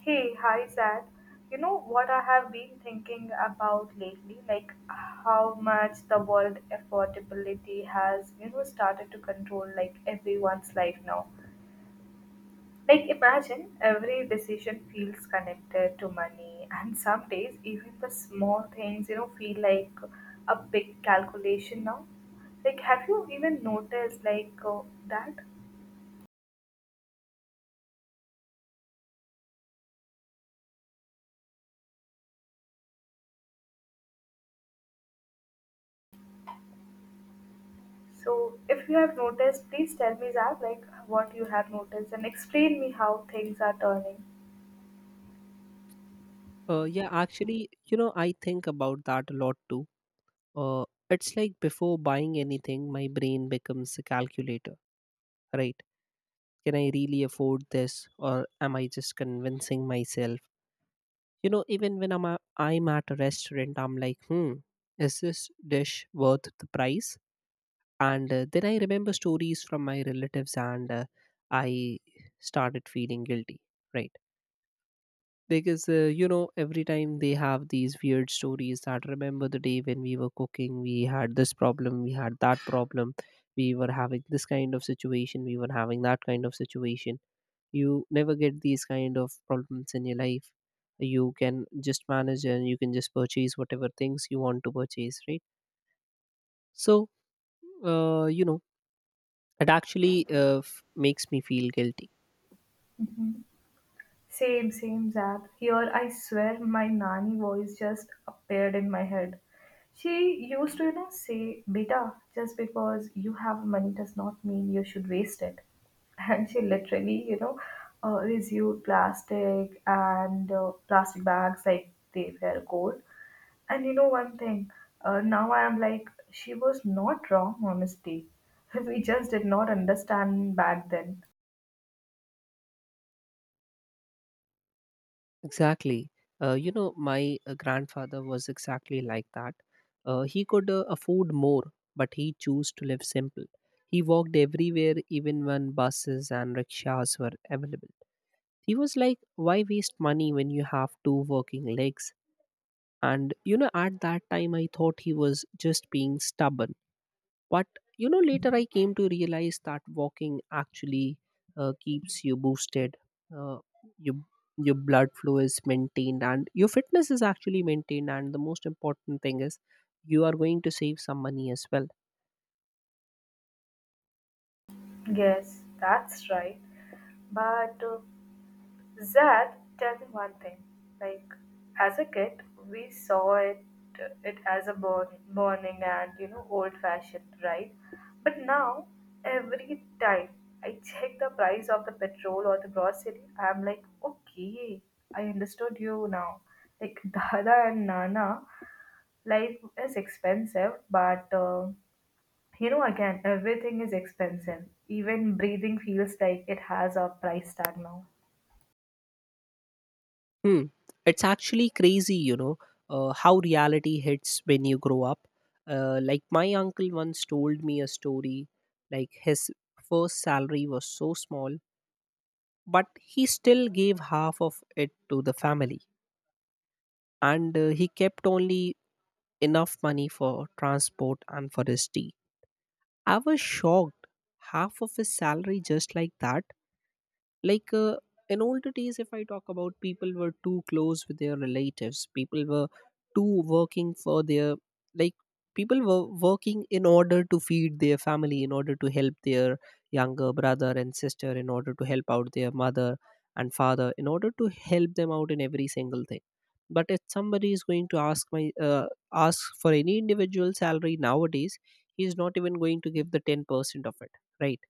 Hey, hi Zach. You know what I have been thinking about lately? Like how much the world affordability has, you know, started to control like everyone's life now. Like imagine every decision feels connected to money and some days even the small things, you know, feel like a big calculation now. Like have you even noticed that? So, if you have noticed, please tell me, Zach, like what you have noticed and explain me how things are turning. Yeah, actually, I think about that a lot too. It's like before buying anything, my brain becomes a calculator, right? Can I really afford this, or am I just convincing myself? Even when I'm at a restaurant, I'm like, is this dish worth the price? And then I remember stories from my relatives, and I started feeling guilty, right? Because every time they have these weird stories, that remember the day when we were cooking, we had this problem, we had that problem. We were having this kind of situation, we were having that kind of situation. You never get these kind of problems in your life. You can just manage, and you can just purchase whatever things you want to purchase, right? So, uh, you know it actually makes me feel guilty. Mhm. Same, same, Zap. Here, I swear, my nanny voice just appeared in my head. She used to, you know, say, Beta, just because you have money does not mean you should waste it. And she literally, resumed plastic and plastic bags like they were gold. And you know one thing, now I am like, she was not wrong, honestly. We just did not understand back then. Exactly. My grandfather was exactly like that. He could afford more, but he chose to live simple. He walked everywhere, even when buses and rickshaws were available. He was like, "Why waste money when you have two working legs?" And at that time, I thought he was just being stubborn. But later I came to realize that walking actually keeps you boosted. Uh, you your blood flow is maintained, and your fitness is actually maintained, and the most important thing is you are going to save some money as well. Yes, that's right. But Zad, tell me one thing. Like, as a kid, we saw it it as a burn, burning and you know old fashioned, right? But now, every time I check the price of the petrol or the grocery, I'm like, okay, I understood you now. Like Dada and Nana, life is expensive, but you know, again, everything is expensive. Even breathing feels like it has a price tag now. Hmm. It's actually crazy, how reality hits when you grow up. Like my uncle once told me a story. Like his first salary was so small, but he still gave half of it to the family. And he kept only enough money for transport and for his tea. I was shocked. Half of his salary, just like that. like uh, in older days, if I talk about, people were too close with their relatives. People were too working for their, like, people were working in order to feed their family, in order to help their younger brother and sister, in order to help out their mother and father, in order to help them out in every single thing. But if somebody is going to ask my ask for any individual salary nowadays, he is not even going to give the 10% of it, right?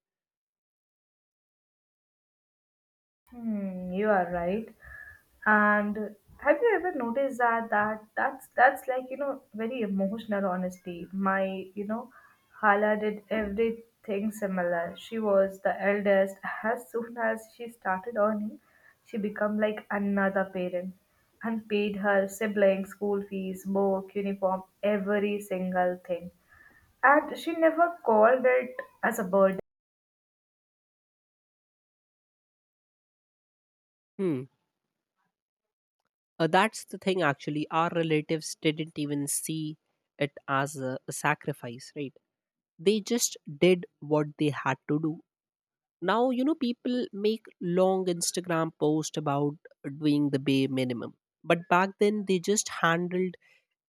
Hmm, you are right. And have you ever noticed that that's like you know very emotional honesty. My you know, Hala did everything similar. She was the eldest. As soon as she started earning, she became like another parent and paid her siblings school fees, book, uniform, every single thing. And she never called it as a burden. That's the thing, actually. Our relatives didn't even see it as a sacrifice, right? They just did what they had to do. Now, people make long Instagram posts about doing the bare minimum. But back then, they just handled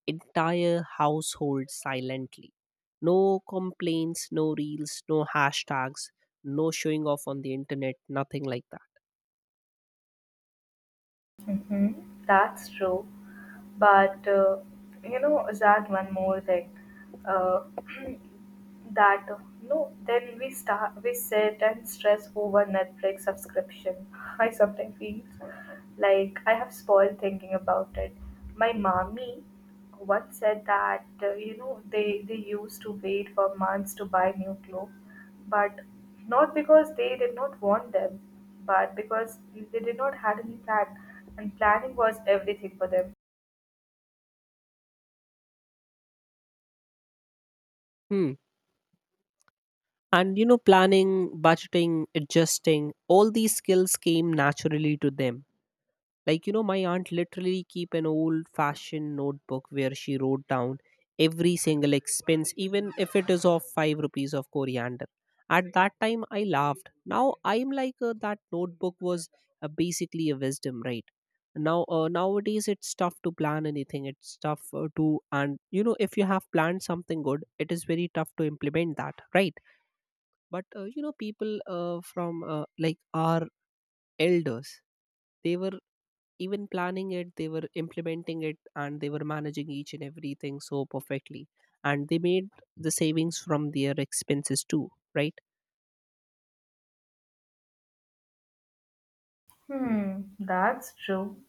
entire households silently. No complaints, no reels, no hashtags, no showing off on the internet, nothing like that. Hmm. That's true. But you know, Zad, one more thing. Uh, that no, then we sit and stress over Netflix subscription. I sometimes feel like I have spoiled thinking about it. My mommy once said that you know they used to wait for months to buy new clothes, but not because they did not want them, but because they did not had any plan, and planning was everything for them. Hmm. And planning, budgeting, adjusting, all these skills came naturally to them. Like, my aunt literally keep an old fashioned notebook where she wrote down every single expense, even if it is of 5 rupees of coriander. At that time, I laughed. Now I'm like, that notebook was, basically a wisdom, right? Now, nowadays it's tough to plan anything. It's tough, and if you have planned something good, it is very tough to implement that, right? But people, from, like our elders, they were even planning it, they were implementing it, and they were managing each and everything so perfectly. And they made the savings from their expenses too, right? Hmm, that's true.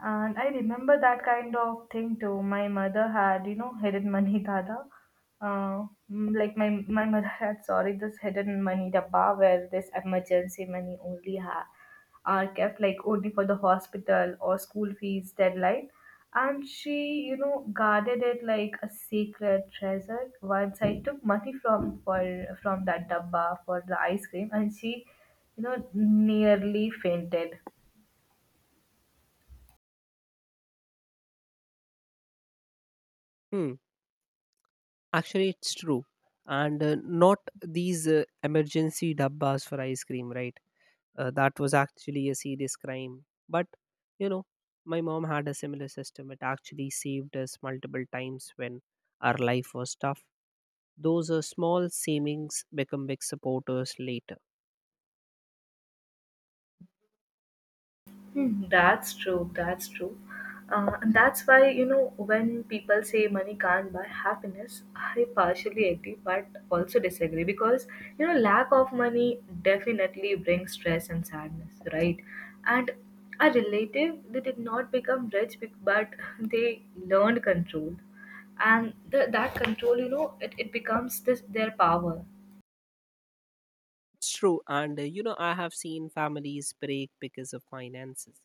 And I remember that kind of thing too. My mother had, you know, hidden money dada. Like my mother had, sorry, this hidden money dabba where this emergency money only had are kept like only for the hospital or school fees deadline. And she, you know, guarded it like a sacred treasure. Once I took money from for from that dabba for the ice cream, and she, you know, nearly fainted. Hmm. Actually, it's true. And not these emergency dabbas for ice cream, right? That was actually a serious crime. But you know my mom had a similar system. It actually saved us multiple times when our life was tough. Those small savings become big supporters later. Hmm, that's true. That's true. And that's why, you know, when people say money can't buy happiness, I partially agree but also disagree because, you know, lack of money definitely brings stress and sadness, right? And a relative, they did not become rich bec- but they learned control. That control, you know, it becomes this their power. It's true. And, I have seen families break because of finances.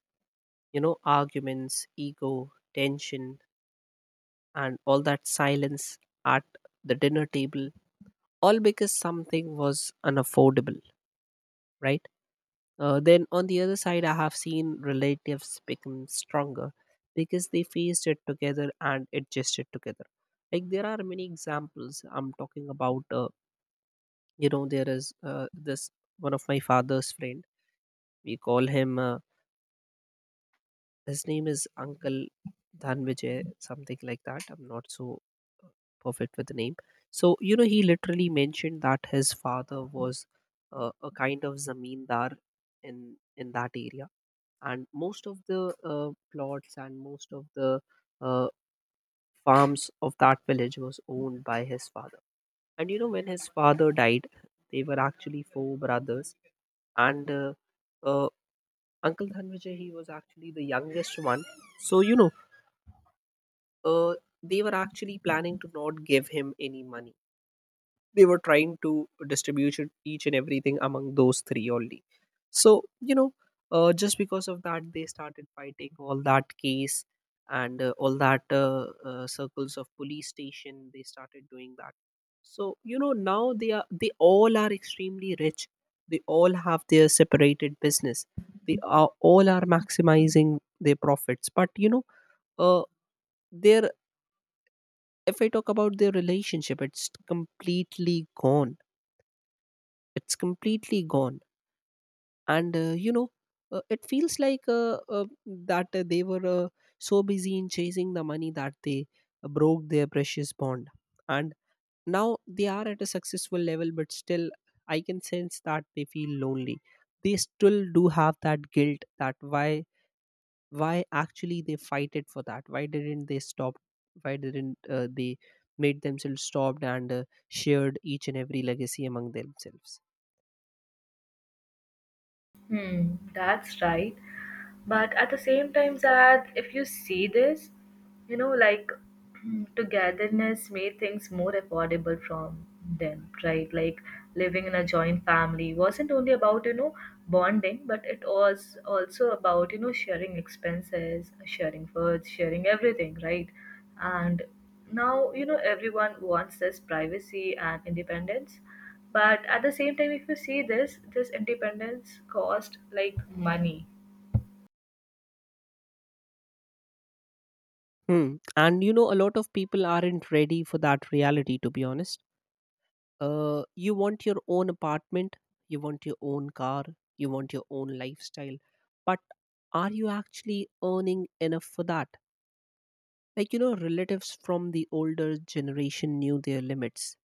Arguments, ego, tension, and all that silence at the dinner table, all because something was unaffordable, right? Then on the other side, I have seen relatives become stronger because they faced it together and adjusted together. Like, there are many examples. I'm talking about, there is, this one of my father's friend. We call him, his name is Uncle Dhanvijay, something like that. I'm not so uh, perfect with the name. So, he literally mentioned that his father was, a kind of zamindar in that area, and most of the plots and most of the uh, farms of that village was owned by his father. And when his father died, they were actually four brothers. And uh, Uncle Dhanvijay, he was actually the youngest one. So, uh, they were actually planning to not give him any money. They were trying to distribute each and everything among those three only. So, you know just because of that, they started fighting all that case. And all that, circles of police station, they started doing that. So, now, they all are extremely rich. They all have their separated business. They are all are maximizing their profits. But uh, their if I talk about their relationship, it's completely gone. It's completely gone. And it feels like, that they were, so busy in chasing the money that they, broke their precious bond. And now they are at a successful level, but still I can sense that they feel lonely. They still do have that guilt that why, why actually they fight it for that, why didn't they stop, why didn't they made themselves stopped and shared each and every legacy among themselves. Hmm, that's right. But at the same time, Zad, if you see this, you know, like togetherness made things more affordable from them, right? Like living in a joint family wasn't only about, you know, bonding, but it was also about, you know, sharing expenses, sharing foods, sharing everything, right? And now, you know, everyone wants this privacy and independence but at the same time, if you see this, this independence cost like money. Hmm. And a lot of people aren't ready for that reality, to be honest. You want your own apartment, you want your own car, you want your own lifestyle. But are you actually earning enough for that? Like, relatives from the older generation knew their limits.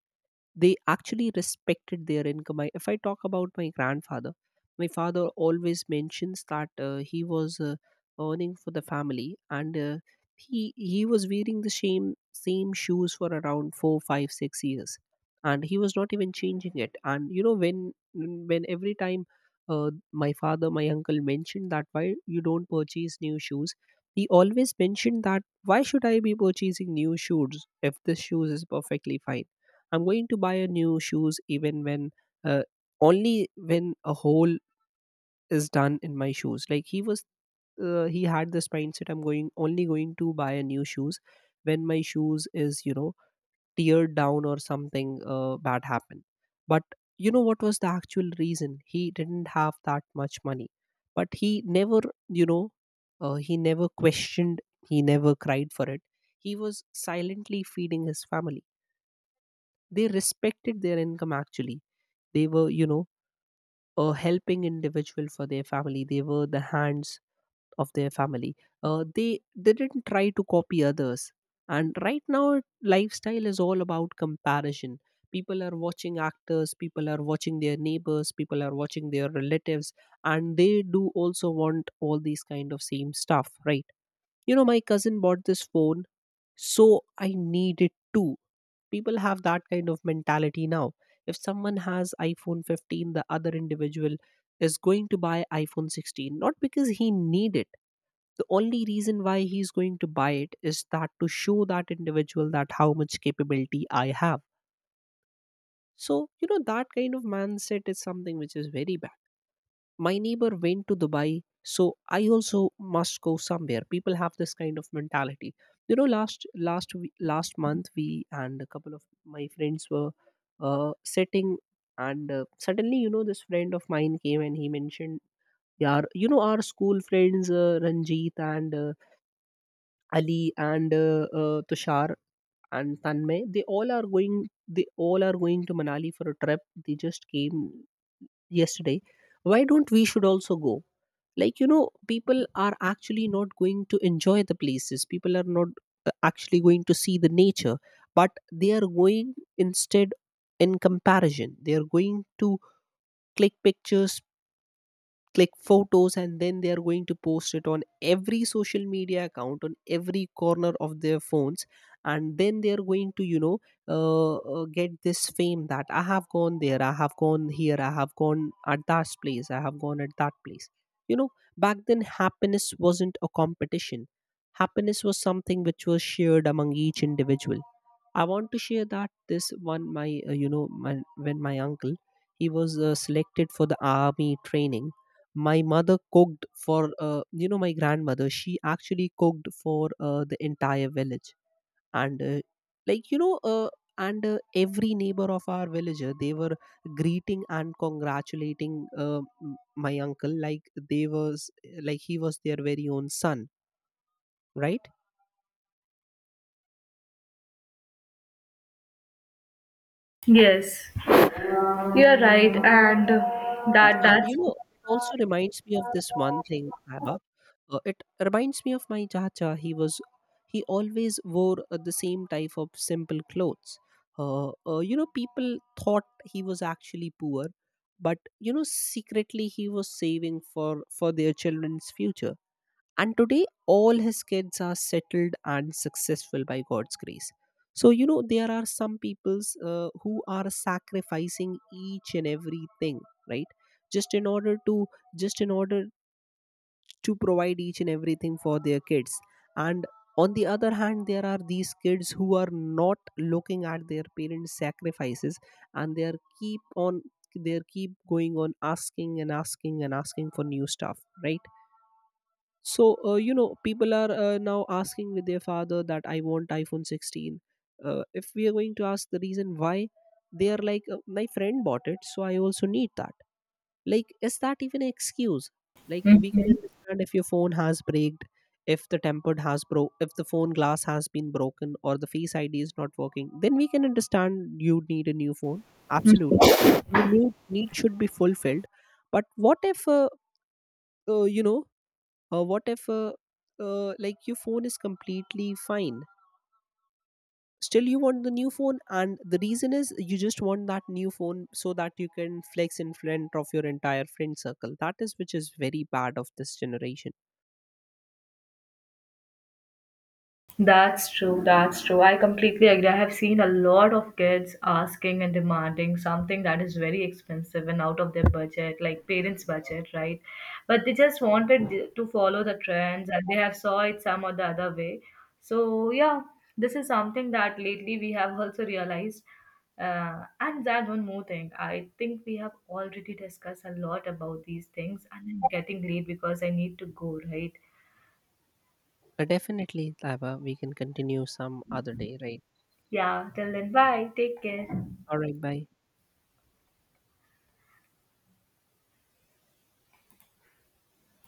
They actually respected their income. If I talk about my grandfather, my father always mentions that he was earning for the family, and he was wearing the same shoes for around 4, 5, 6 years, and he was not even changing it. And when every time my father, my uncle mentioned that why you don't purchase new shoes, he always mentioned that why should I be purchasing new shoes if this shoes is perfectly fine. I'm going to buy a new shoes even when uh, only when a hole is done in my shoes. Like he had this mindset. I'm going only going to buy a new shoes when my shoes is, teared down or something bad happened. But you know what was the actual reason? He didn't have that much money. But he never, you know he never questioned, he never cried for it. He was silently feeding his family. They respected their income actually. They were, a helping individual for their family. They were the hands of their family. They didn't try to copy others. And right now lifestyle is all about comparison. People are watching actors, people are watching their neighbors, people are watching their relatives, and they do also want all these kind of same stuff, right? My cousin bought this phone, so I need it too. People have that kind of mentality now. If someone has iPhone 15, the other individual is going to buy iPhone 16, not because he need it. The only reason why he's going to buy it is that to show that individual that how much capability I have. So, that kind of mindset is something which is very bad. My neighbor went to Dubai, so I also must go somewhere. People have this kind of mentality. Last month, we and a couple of my friends were sitting, and suddenly, this friend of mine came and he mentioned, yeah, our school friends, Ranjit and Ali and Tushar and Tanmay, they all are going. They all are going to Manali for a trip. They just came yesterday. Why don't we should also go? Like, people are actually not going to enjoy the places. People are not, actually going to see the nature, but they are going instead, in comparison, they are going to click pictures, click photos. And then they are going to post it on every social media account on every corner of their phones. And then they are going to, get this fame, that I have gone there, I have gone here, I have gone at that place, I have gone at that place. you know Back then, happiness wasn't a competition. Happiness was something which was shared among each individual. I want to share that this one. My When my uncle, he was selected for the army training, my mother cooked for, my grandmother. She actually cooked for the entire village, and like you know, uh, and every neighbor of our villager, they were greeting and congratulating my uncle, like they was like he was their very own son, right? Yes, you are right, and Mm. that And that's. It also reminds me of this one thing, Abba. It reminds me of my chacha. He always wore the same type of simple clothes. People thought he was actually poor, but secretly he was saving for their children's future. And today, all his kids are settled and successful by God's grace. So, there are some peoples who are sacrificing each and everything, right? Just in order to, just in order to provide each and everything for their kids. And on the other hand, there are these kids who are not looking at their parents' sacrifices, and they are keep going on asking and asking and asking for new stuff, right? So, people are, now asking with their father that I want iPhone 16. If we are going to ask the reason why, they are like, my friend bought it, so I also need that. Like, is that even an excuse? Like, we can understand if your phone has braked, if the tempered has broke, if the phone glass has been broken, or the Face ID is not working, then we can understand you need a new phone. Absolutely. And your new need should be fulfilled. But uh, you know, what if like your phone is completely fine? Still, you want the new phone, and the reason is you just want that new phone so that you can flex in front of your entire friend circle. That is which is very bad of this generation. That's true, that's true. I completely agree. I have seen a lot of kids asking and demanding something that is very expensive and out of their budget, like parents' budget, right? But they just wanted th- to follow the trends and they have saw it some or the other way. So yeah, this is something that lately we have also realized. And that one more thing, I think we have already discussed a lot about these things and I'm getting late because I need to go, right? Definitely, Lava. We can continue some other day, right? Yeah, till then, bye. Take care. All right, bye.